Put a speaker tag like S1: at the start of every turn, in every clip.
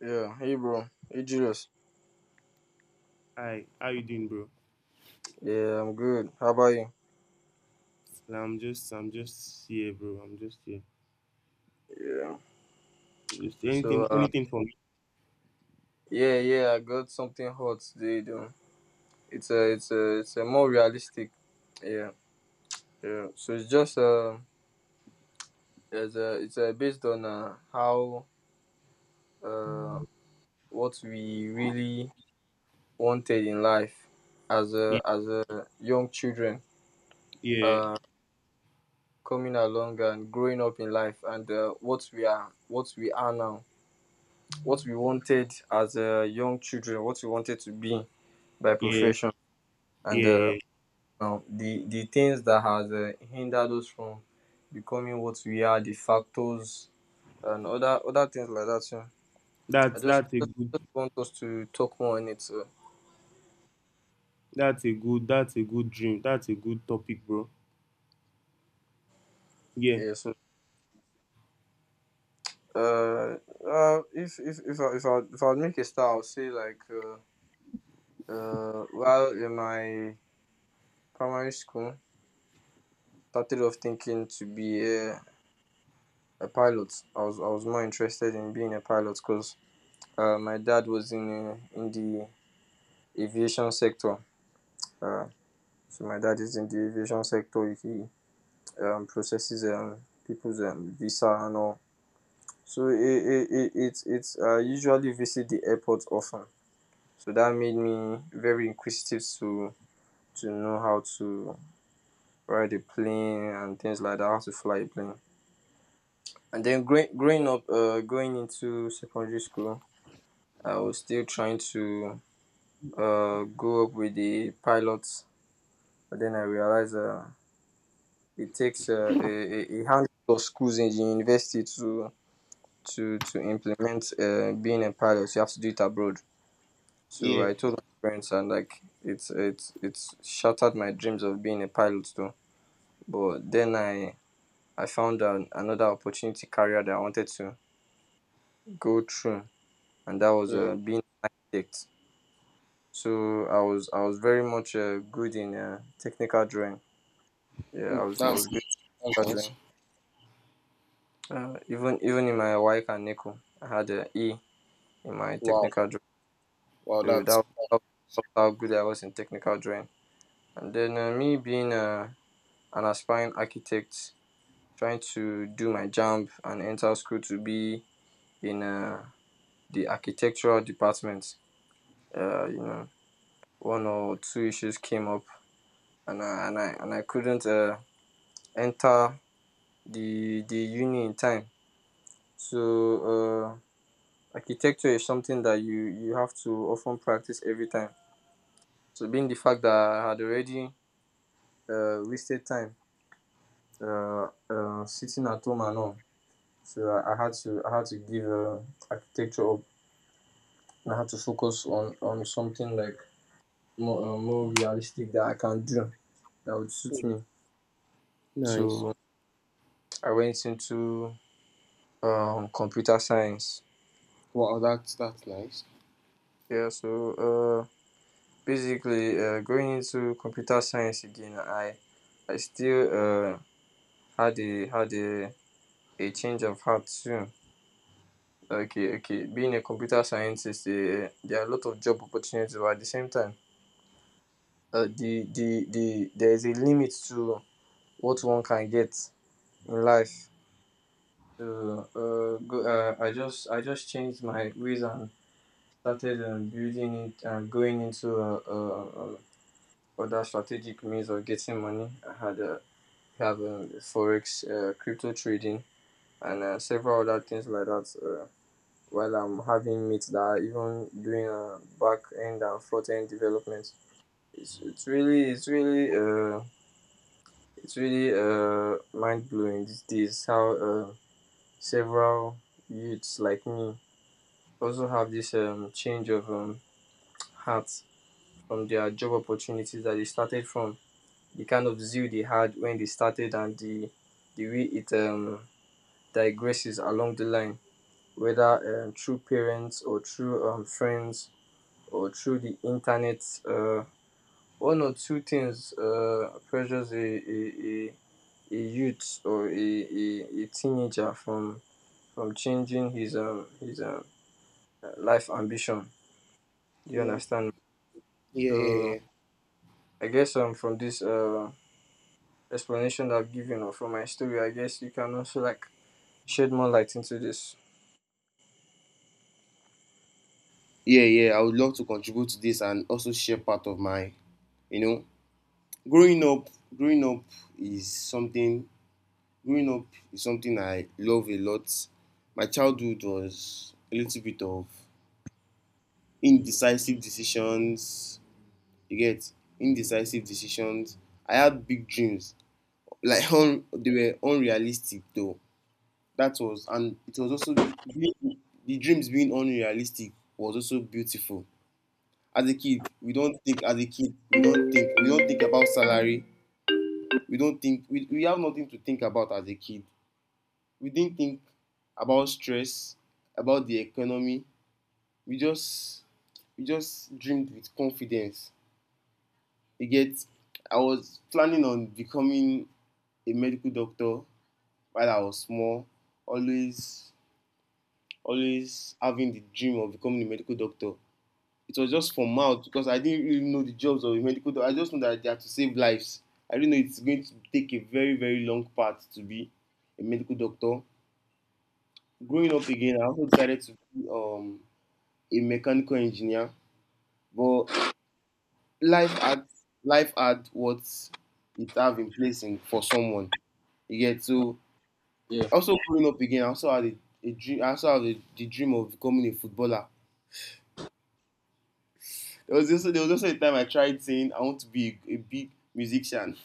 S1: Yeah, hey bro, hey Julius.
S2: Hi, how you doing, bro?
S1: Yeah, I'm good. How about you?
S2: Nah, I'm just here, bro. I'm just here.
S1: Yeah.
S2: Just
S1: So,
S2: anything, anything for
S1: yeah, yeah, I got something hot today, though. It's a more realistic. Yeah, yeah. So it's just it's based on how, uh, what we really wanted in life as
S2: me.
S1: a young children
S2: Yeah,
S1: uh coming along and growing up in life, and what we are now. What we wanted as young children, what we wanted to be by
S2: yeah,
S1: profession, and
S2: yeah, yeah.
S1: the things that has hindered us from becoming what we are, the factors, and other things like that. So I
S2: That's
S1: just
S2: that's a good,
S1: want us to talk more on it. So
S2: that's a good, that's a good dream. That's a good topic, bro. Yeah,
S1: yeah, so uh, if I make a start, I'll say like, while in my primary school, started off thinking to be a pilot. I was more interested in being a pilot because my dad was in the aviation sector. Uh, so my dad is in the aviation sector. He processes people's visa and all. So it it's I usually visit the airport often. So that made me very inquisitive to know how to ride a plane and things like that, how to fly a plane. And then growing up, going into secondary school, I was still trying to, go up with the pilots, but then I realized, it takes, a handful of schools in the university to implement being a pilot. You have to do it abroad. So
S2: yeah,
S1: I told my parents, and like it's shattered my dreams of being a pilot though. But then I found another opportunity career that I wanted to go through, and that was,
S2: yeah.
S1: being an architect. So I was very much, good in technical drawing. Yeah,
S2: Mm,
S1: I
S2: that's
S1: was good
S2: that's
S1: at
S2: nice.
S1: drawing. Even in my WIC and NECO, I had an E in my
S2: Wow,
S1: technical drawing.
S2: wow,
S1: So
S2: that's
S1: that was how good I was in technical drawing. And then, me being, an aspiring architect, trying to do my jump and enter school to be in, the architectural department. Uh, you know, one or two issues came up, and I, and I and I couldn't, enter the uni in time. So, uh, architecture is something that you have to often practice every time. So being the fact that I had already, wasted time, sitting at home and all. So I had to give, architecture up, and I had to focus on something like more realistic that I can do, that would suit me.
S2: nice.
S1: So I went into, computer science.
S2: Wow, that's nice.
S1: Yeah. So, uh, basically, going into computer science again, I still uh had a change of heart soon. Okay, okay, being a computer scientist, there are a lot of job opportunities, but at the same time, there is a limit to what one can get in life. So go I just changed my ways and started building it, and going into, other strategic means of getting money. I had We have, forex, crypto trading, and, several other things like that. Uh, while I'm having mates that are even doing, back end and front end development. It's, it's really, it's really, uh, it's really, mind blowing these days how, several youths like me also have this, change of, heart from their job opportunities that they started from, the kind of zeal they had when they started, and the way it digresses along the line, whether, through parents, or through, friends, or through the internet. uh, One or two things, pressures a youth, or a teenager from changing his life ambition. Do you
S2: Yeah,
S1: understand?
S2: yeah, yeah,
S1: So
S2: yeah.
S1: I guess, from this, explanation that I've given, or from my story, I guess you can also, like, shed more light into this.
S2: Yeah, yeah. I would love to contribute to this and also share part of my, you know, growing up. Growing up is something Growing up is something I love a lot. My childhood was a little bit of indecisive decisions. You get indecisive decisions. I had big dreams, like they were unrealistic though. That was and it was also the dreams being unrealistic was also beautiful. As a kid, we don't think. As a kid, we don't think. We don't think about salary. We don't think. We have nothing to think about as a kid. We didn't think about stress, about the economy. We just we just dreamed with confidence. You get. I was planning on becoming a medical doctor while I was small, always always having the dream of becoming a medical doctor. It was just from mouth because I didn't really know the jobs of a medical doctor. I just know that they have to save lives. I didn't know it's going to take a very, very long path to be a medical doctor. Growing up again, I also decided to be a mechanical engineer, but life had life had what it have in place for someone. You get, so
S1: Yeah.
S2: also growing up again. I also had a dream. I also had the dream of becoming a footballer. There was also a time I tried saying I want to be a big musician.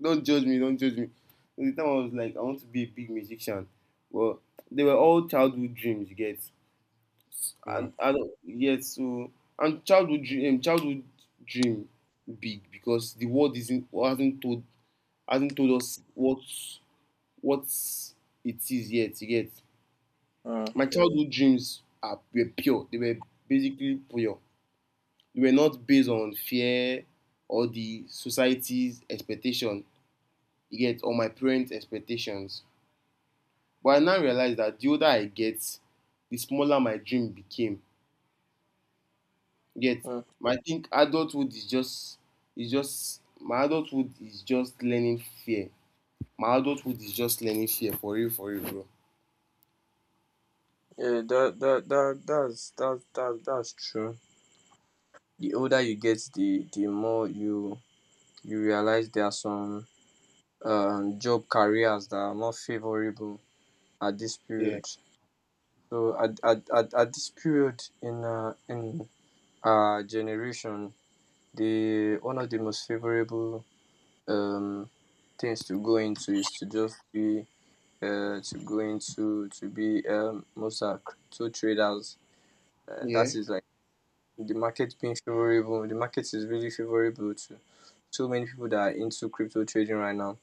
S2: Don't judge me. Don't judge me. There was time I was like I want to be a big musician, but they were all childhood dreams. You get.
S1: Mm.
S2: And yes, so and childhood dream big because the world isn't hasn't told us what it is yet. You get.
S1: Mm.
S2: My childhood dreams are were pure. They were basically pure. They were not based on fear or the society's expectation. You get, or my parents' expectations. But I now realize that the older I get, the smaller my dream became. Get.
S1: Mm.
S2: I think adulthood is just my adulthood is just learning fear. My adulthood is just learning fear for real, bro.
S1: Yeah, that's true. The older you get, the more you realize there are some job careers that are more favorable at this
S2: Yeah.
S1: period. So at this period in, in our generation, the one of the most favorable um things to go into is to just be to go into to be Mossack, to traders. That
S2: Yeah.
S1: is like, the market being favorable, the market is really favorable to so many people that are into crypto trading right now.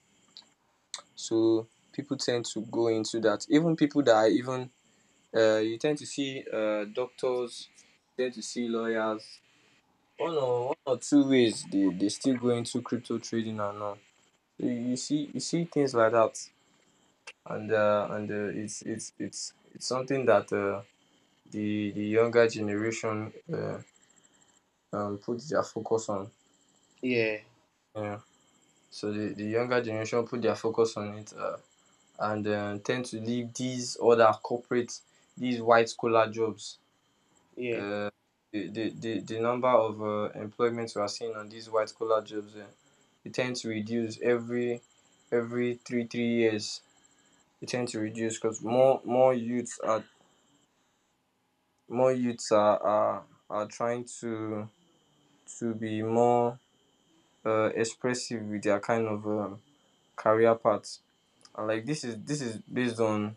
S1: So people tend to go into that. Even people that are even, you tend to see, doctors, you tend to see lawyers. One or two ways, they still go into crypto trading and all. So you see things like that. And it's something that, the younger generation, put their focus on.
S2: Yeah.
S1: Yeah. So the younger generation put their focus on it, and tend to leave these other corporate, these white collar jobs.
S2: Yeah.
S1: Uh, the number of, employments we are seeing on these white collar jobs, it tends to reduce every three three years. It tends to reduce because more youths are, more youths are, are trying to be more, expressive with their kind of, career paths. And like this is based on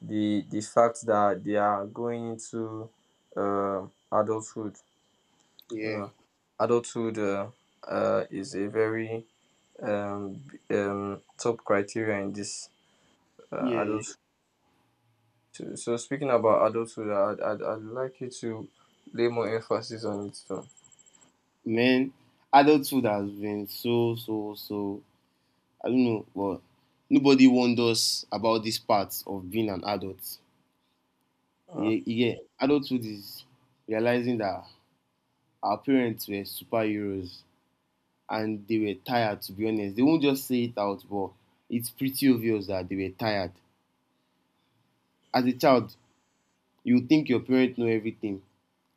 S1: the fact that they are going into adulthood. You
S2: Yeah.
S1: know, adulthood, is a very, um, top criteria in this,
S2: Yeah. Yeah.
S1: adult. So speaking about adulthood, I'd like you to lay more emphasis on it too.
S2: Man, adulthood has been so, so, so, I don't know, but nobody warned us about this part of being an adult.
S1: uh,
S2: Yeah, yeah. Adulthood is realizing that our parents were superheroes, and they were tired. To be honest, they won't just say it out, but it's pretty obvious that they were tired. As a child, you think your parents know everything.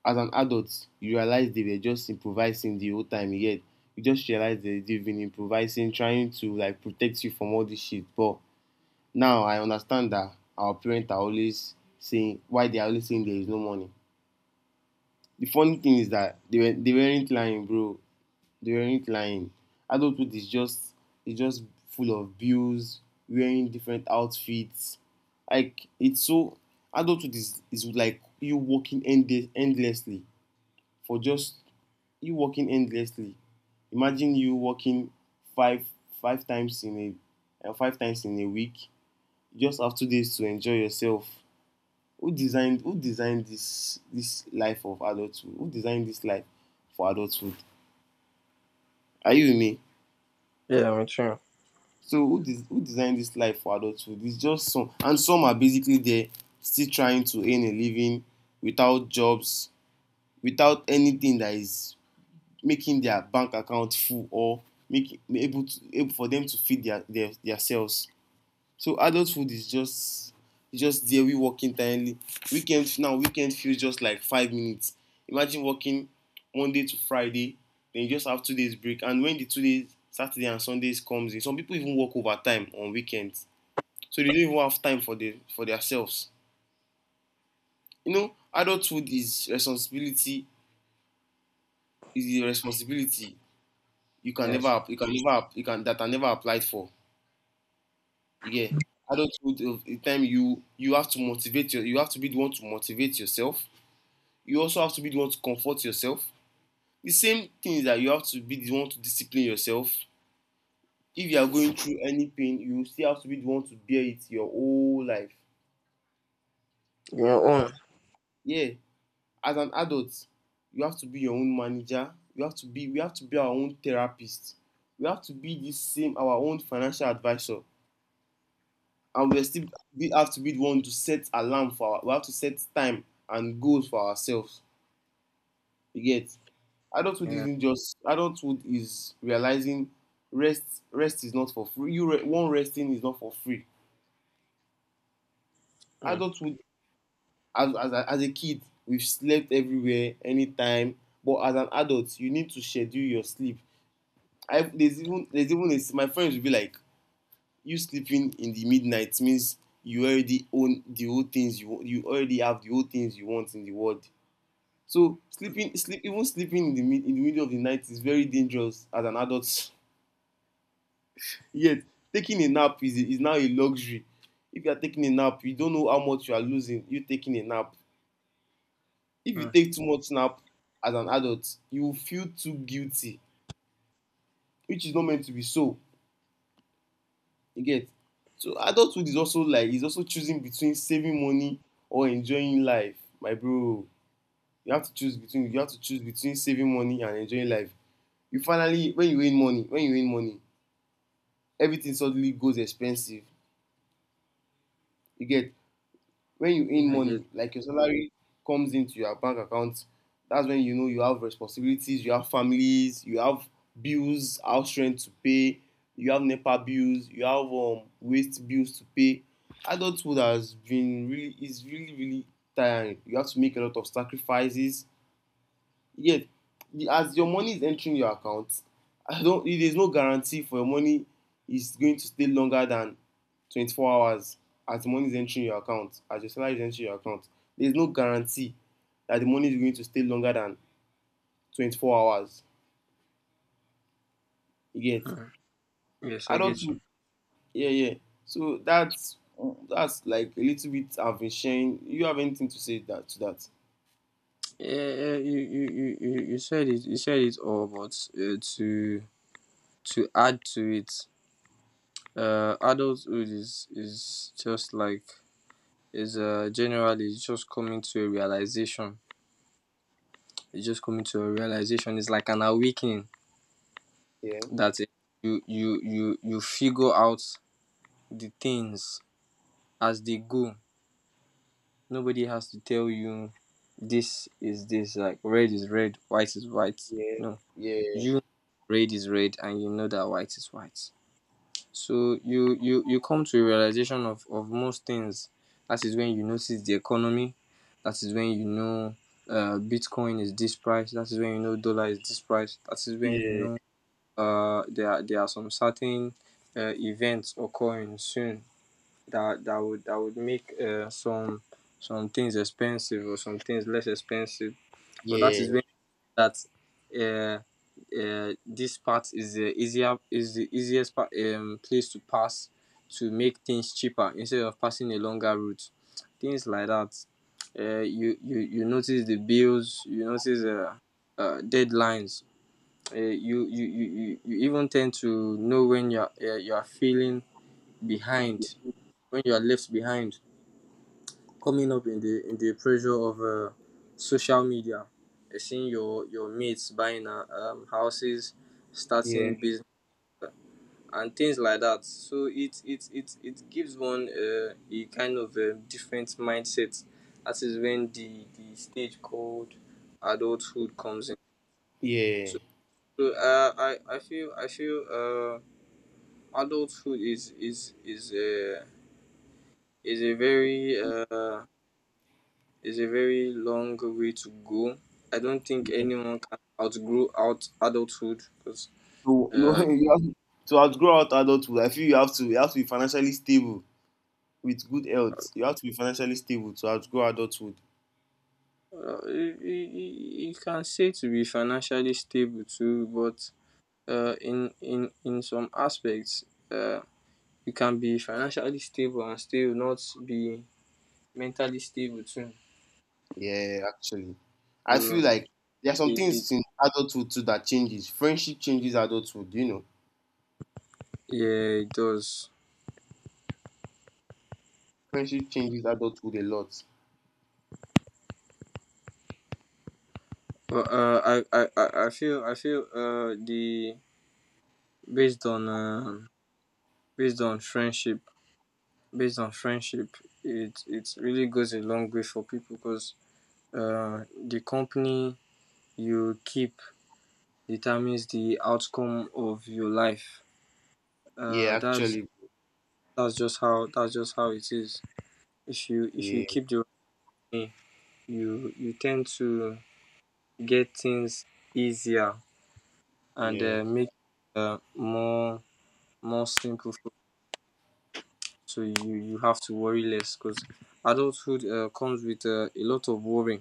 S2: As an adult, you realize they were just improvising the whole time. Yet you just realize they've been improvising, trying to like protect you from all this shit. But now I understand that our parents are always saying why they are always saying there is no money. The funny thing is that they weren't lying, bro. They weren't lying. Adulthood is just full of bills, wearing different outfits. Like it's so adulthood is like you working endlessly, for just you working endlessly. Imagine you working five five times in five times in a week. You just have 2 days to enjoy yourself. Who designed this life of adulthood? Who designed this life for adulthood? Are you with me?
S1: yeah, I'm sure.
S2: So who designed this life for adulthood? It's just some, and some are basically there still trying to earn a living without jobs, without anything that is making their bank account full or make able to able for them to feed their selves. So adult food is just there, we working tirely. Weekend feels just like 5 minutes. Imagine working Monday to Friday, then you just have 2 days break, and when the 2 days Saturday and Sundays comes in, some people even work overtime on weekends, so they don't even have time for themselves. You know, adulthood is the responsibility
S1: Yes.
S2: you can that are never applied for. You get, adulthood of the time you have to motivate your you have to be the one to motivate yourself. You also have to be the one to comfort yourself. The same thing is that you have to be the one to discipline yourself. If you are going through any pain, you still have to be the one to bear it your whole life.
S1: Your own.
S2: Yeah. As an adult, you have to be your own manager. You have to be we have to be our own therapist. We have to be the same our own financial advisor. And we have to be the one to set alarm for our we have to set time and goals for ourselves. You get. Adulthood
S1: Yeah.
S2: isn't just adulthood is realizing rest is not for free. One resting is not for free.
S1: Mm,
S2: Adulthood as, as a- as a kid, we've slept everywhere anytime, but as an adult you need to schedule your sleep. I there's even a, my friends will be like, you sleeping in the midnight means you already have the whole things you want in the world. So sleeping sleep even sleeping in the middle of the night is very dangerous as an adult. Yet, taking a nap is now a luxury. If you are taking a nap, you don't know how much you are losing, you taking a nap. If you
S1: mm.
S2: take too much nap as an adult, you will feel too guilty, which is not meant to be so. You get? So adulthood is also choosing between saving money or enjoying life. My bro, you have to choose between saving money and enjoying life. You finally when you win money, everything suddenly goes expensive. You get? When you
S1: Yeah,
S2: earn
S1: I get.
S2: money, like your salary comes into your bank account, that's when you know you have responsibilities, you have families, you have bills, house rent to pay. You have nepa bills, you have waste bills to pay. Adulthood has been really is really really tiring. You have to make a lot of sacrifices. Yes, as your money is entering your account, I don't. There's no guarantee for your money is going to stay longer than 24 hours, as the money is entering your account, as your salary is entering your account. There's no guarantee that the money is going to stay longer than 24 hours. You get,
S1: Mm. Yes, I get you.
S2: adulthood. Yeah, yeah. So that's like a little bit. I've been sharing. You have anything to say that to that?
S1: Yeah, yeah, you said it, you said it all, but to add to it, adulthood is just like, is generally it's just coming to a realization. It's just coming to a realization. It's like an awakening,
S2: Yeah,
S1: that you figure out the things as they go. Nobody has to tell you, this, like red is red, white is white.
S2: yeah,
S1: No,
S2: yeah,
S1: you red is red, and you know that white is white. So you come to a realization of most things. That is when you notice the economy. That is when you know, bitcoin is this price. That is when you know dollar is this price. That is when you
S2: yeah,
S1: know, there are some certain, events occurring soon, that that would make, some things expensive, or some things less expensive. But that
S2: yeah,
S1: is when that, uh, this part is the easier is the easiest place to pass, to make things cheaper instead of passing a longer route, things like that. You notice the bills, you notice, deadlines. You even tend to know when you're feeling behind, when you're left behind, coming up in the pressure of, social media, seeing your mates buying, houses, starting business, and things like that. So it gives one, a kind of a different mindset. That is when the stage called adulthood comes in.
S2: yeah,
S1: So, so, I feel, adulthood is is a very It's a very long way to go. I don't think
S2: yeah.
S1: anyone can outgrow out adulthood because,
S2: To
S1: uh,
S2: no, you have to outgrow out adulthood, I feel you have to be financially stable with good health. You have to be financially stable to outgrow adulthood.
S1: you, you can say to be financially stable too, but, in some aspects, uh, you can be financially stable and still not be mentally stable too.
S2: Yeah, actually I feel
S1: So
S2: like there are some
S1: it
S2: things in adulthood too that changes friendship, changes adulthood, you know.
S1: yeah, it does.
S2: Friendship changes adulthood a lot.
S1: But I feel the based on based on friendship based on friendship, it really goes a long way for people because, the company you keep determines the outcome of your life. uh,
S2: Yeah,
S1: that's
S2: actually.
S1: that's just how it is. If you if you
S2: Yeah,
S1: keep the right name, you tend to get things easier and,
S2: yeah.
S1: make, uh, more more simple for you. So you have to worry less because adulthood comes with a lot of worry.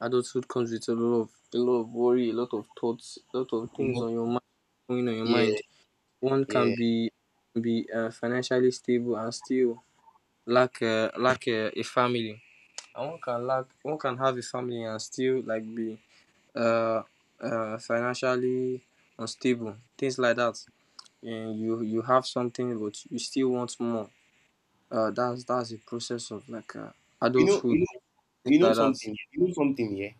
S1: Adulthood comes with a lot of worry, a lot of thoughts, a lot of
S2: You
S1: things
S2: know.
S1: on your
S2: Yeah,
S1: mind. One can
S2: yeah.
S1: be financially stable and still lack a family. And one can have a family and still like be uh, financially unstable. Things like that. And you have something but you still want more. That's the process of like
S2: You know.
S1: adulthood.
S2: You know.
S1: Things
S2: You know
S1: like that.
S2: something. You know something. Yeah.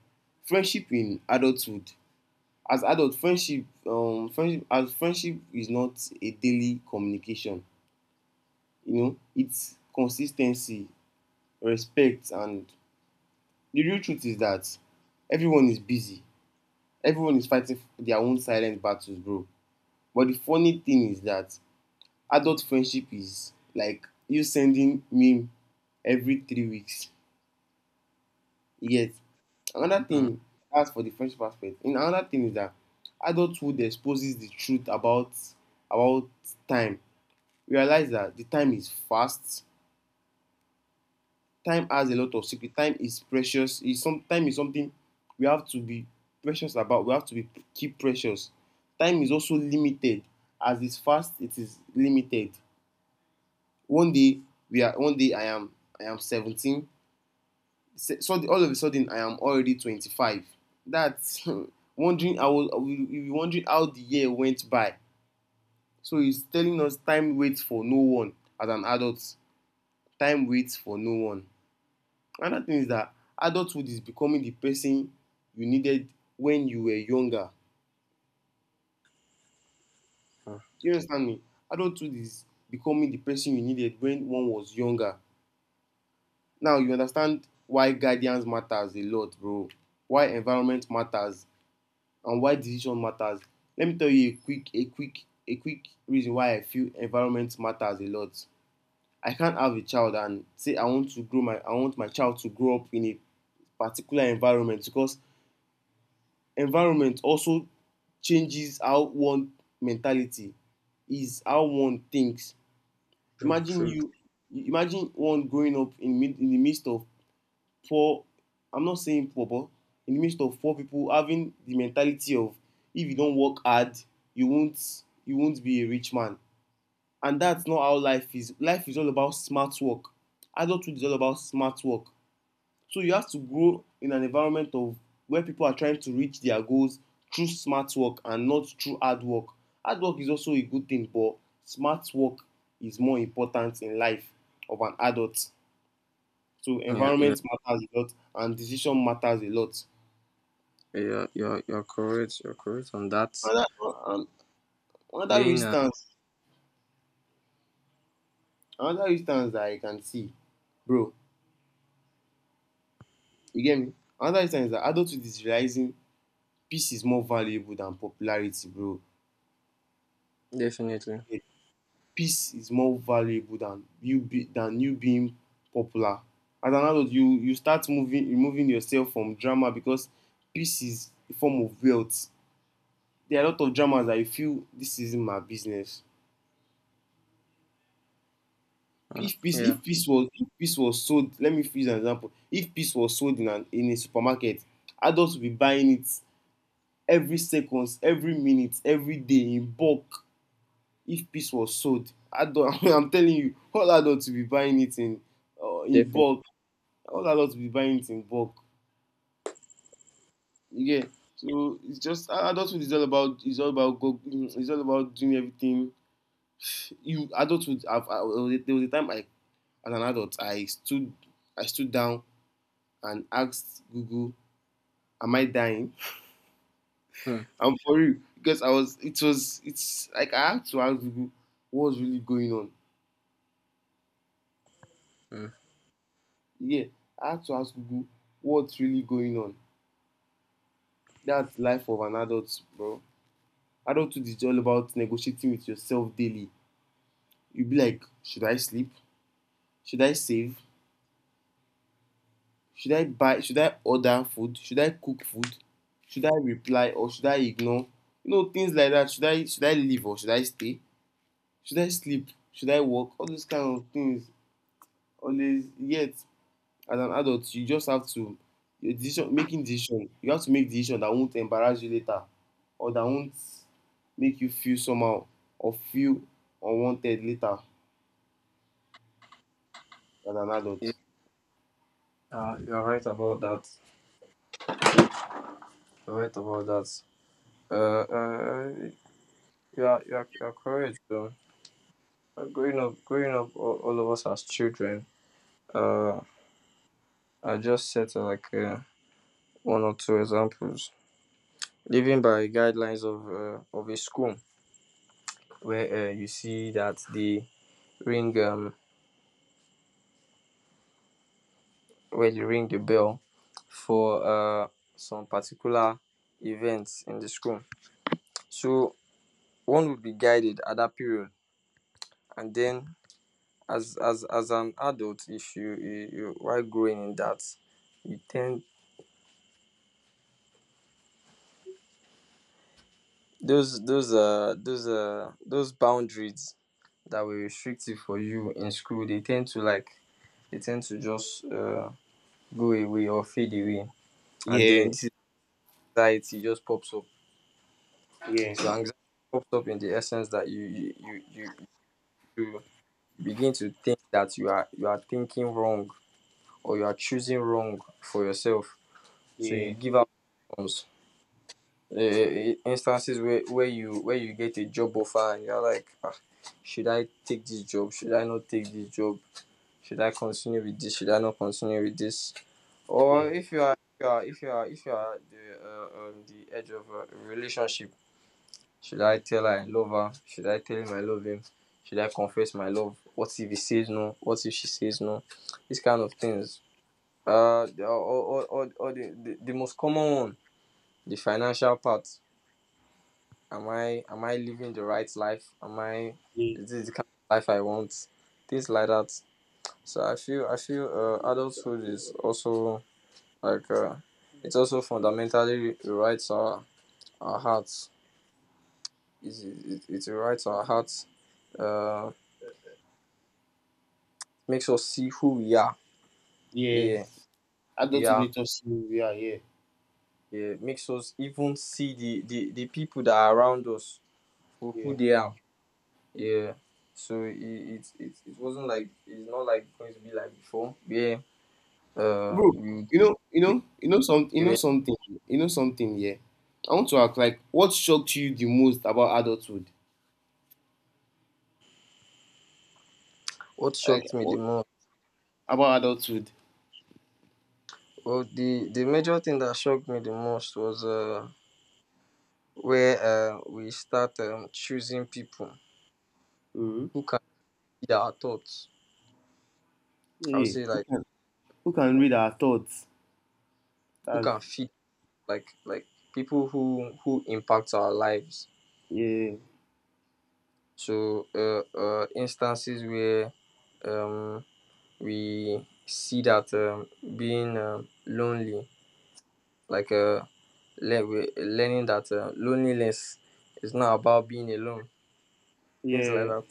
S2: Friendship in adulthood, as adult friendship friendship as friendship is not a daily communication. You know, it's consistency, respect, and the real truth is that everyone is busy, everyone is fighting their own silent battles, bro. But the funny thing is that adult friendship is like you sending meme every 3 weeks. Yet another
S1: Mm,
S2: thing. As for the friendship aspect, and another thing is that adulthood exposes the truth about time. Realize that the time is fast. Time has a lot of secret. Time is precious, is some time is something we have to be precious about, we have to be keep precious. Time is also limited, as it's fast, it is limited. One day we are one day I am 17. All of a sudden I am already 25. That's wondering. I will. We wondering how the year went by. So it's telling us time waits for no one. As an adult, time waits for no one. Another thing is that adulthood is becoming the person you needed when you were younger.
S1: mm,
S2: Do you understand me? Adulthood is becoming the person you needed when one was younger. Now you understand why guidance matters a lot, bro. Why environment matters, and why decision matters. Let me tell you a quick reason why I feel environment matters a lot. I can't have a child and say I want my child to grow up in a particular environment because environment also changes how one mentality is, how one thinks.
S1: true,
S2: Imagine
S1: true. True.
S2: you, imagine one growing up in the midst of poor. I'm not saying poor, but in the midst of poor people having the mentality of if you don't work hard, you won't be a rich man. And that's not how life is. Life is all about smart work. Adulthood is all about smart work. So you have to grow in an environment of where people are trying to reach their goals through smart work and not through hard work. Hard work is also a good thing, but smart work is more important in life of an adult. So
S1: Yeah, yeah.
S2: environment matters a lot and decision matters a lot.
S1: You're correct. You're correct on that.
S2: Another um, another
S1: Lena,
S2: instance, another instance that I can see, bro. You get me? Another instance is that adulthood is realizing peace is more valuable than popularity, bro.
S1: definitely.
S2: Peace is more valuable than you be than you being popular. As an adult, you start moving removing yourself from drama because peace is a form of wealth. There are a lot of dramas that you feel this isn't my business.
S1: Mm,
S2: If peace
S1: yeah,
S2: if peace was if peace was sold, let me use an example. If peace was sold in an in a supermarket, adults will be buying it every seconds, every minute, every day in bulk. If peace was sold, adult, I'm telling you, all adults will be buying it in
S1: definitely.
S2: bulk, all adults will be buying it in bulk. You get? So it's just adulthood is all it's all about doing everything. You adulthood. There was a time I as an adult I stood down and asked Google, "Am I dying?"
S1: Hmm.
S2: I'm for you because I was it was it's like I had to ask Google what's really going on.
S1: Hmm.
S2: Yeah, I had to ask Google what's really going on. That's life of an adult, bro. Adulthood is all about negotiating with yourself daily. You'll be like, should I sleep? Should I save? Should I buy? Should I order food? Should I cook food? Should I reply or should I ignore? You know, things like that. Should I leave or should I stay? Should I sleep? Should I work? All those kind of things. Always yet as an adult, you just have to your decision making decision. You have to make decision that won't embarrass you later or that won't make you feel somehow or feel unwanted later as an
S1: Yeah,
S2: adult.
S1: you're right about that. You're right about that. Uh, uh, you're correct, though. Growing up, all of us as children, uh, I just set one or two examples. Living by guidelines of a school, where you see that the ring where you ring the bell for uh, some particular events in the school. So one would be guided at that period, and then as an adult, if you while growing in that, you tend those boundaries that were restrictive for you in school. They tend to like they tend to just go away or fade away, and
S2: Yeah,
S1: then this is anxiety just pops up.
S2: yeah,
S1: So anxiety pops up in the essence that you begin to think that you are thinking wrong or you are choosing wrong for yourself, so you
S2: yeah,
S1: give up. Options. Eh, instances where you where you get a job offer and you're like, ah, should I take this job, should I not take this job, should I continue with this, should I not continue with this? Or
S2: yeah,
S1: if if you are the edge of a relationship. Should I tell her I love her? Should I tell him I love him? Should I confess my love? What if he says no? What if she says no? These kind of things. Or the most common one, the financial part. Am I living the right life? Am I,
S2: yeah.
S1: is this the kind of life I want? Things like that. So I feel adulthood is also like it's also fundamentally rewrites our hearts. It rewrites our hearts. Uh. Makes us see who we are.
S2: Yeah.
S1: Yeah, who we
S2: Adulthood
S1: are.
S2: made us who we are, yeah.
S1: Yeah, makes us even see the people that are around us for who
S2: Yeah.
S1: they are. Yeah. So it wasn't like, it's not like going to be like before. Yeah. Uh,
S2: Bro,
S1: we,
S2: you know, you know, you know some you
S1: we
S2: know
S1: were-
S2: something, you know something, yeah. I want to ask, like, what shocked you the most about adulthood?
S1: what
S2: Like
S1: shocked me the
S2: what
S1: most?
S2: about adulthood?
S1: Well, the major thing that shocked me the most was where we start choosing people
S2: Mm-hmm.
S1: who can feed our thoughts. I would
S2: Yeah.
S1: say like
S2: Who can read our thoughts?
S1: who
S2: That's
S1: can feed, like people who impact our lives.
S2: yeah,
S1: So instances where um we see that, being lonely, like learning that loneliness is not about being alone, things like
S2: yeah,
S1: that.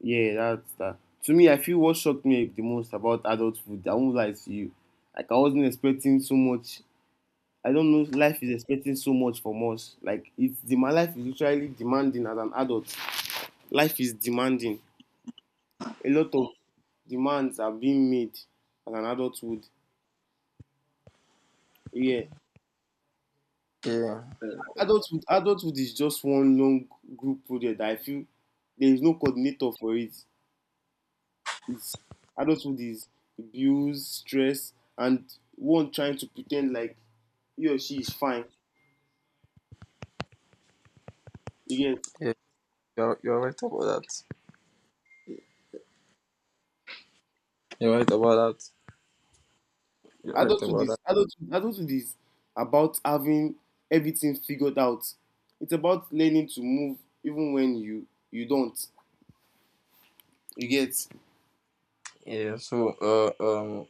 S2: yeah, that's that. To me, I feel what shocked me the most about adulthood, I won't lie to you. Like I wasn't expecting so much. I don't know. Life is expecting so much from us. Like it's demand. Life is literally demanding as an adult. Life is demanding. A lot of demands are being made as an adulthood. Yeah,
S1: Yeah,
S2: adulthood. Adulthood is just one long group project that I feel there is no coordinator for it. It's adulthood is abuse, stress, and one trying to pretend like he or she is fine. Again,
S1: yeah, you're right about that. You're right about that. You're right about that.
S2: Adulthood is about having everything figured out. It's about learning to move even when you don't. You get?
S1: Yeah, so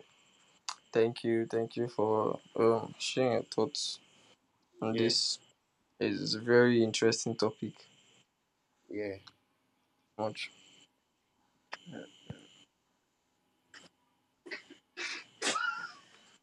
S1: thank you, for sharing your thoughts on
S2: Yeah,
S1: this. It's a very interesting topic.
S2: yeah.
S1: Much.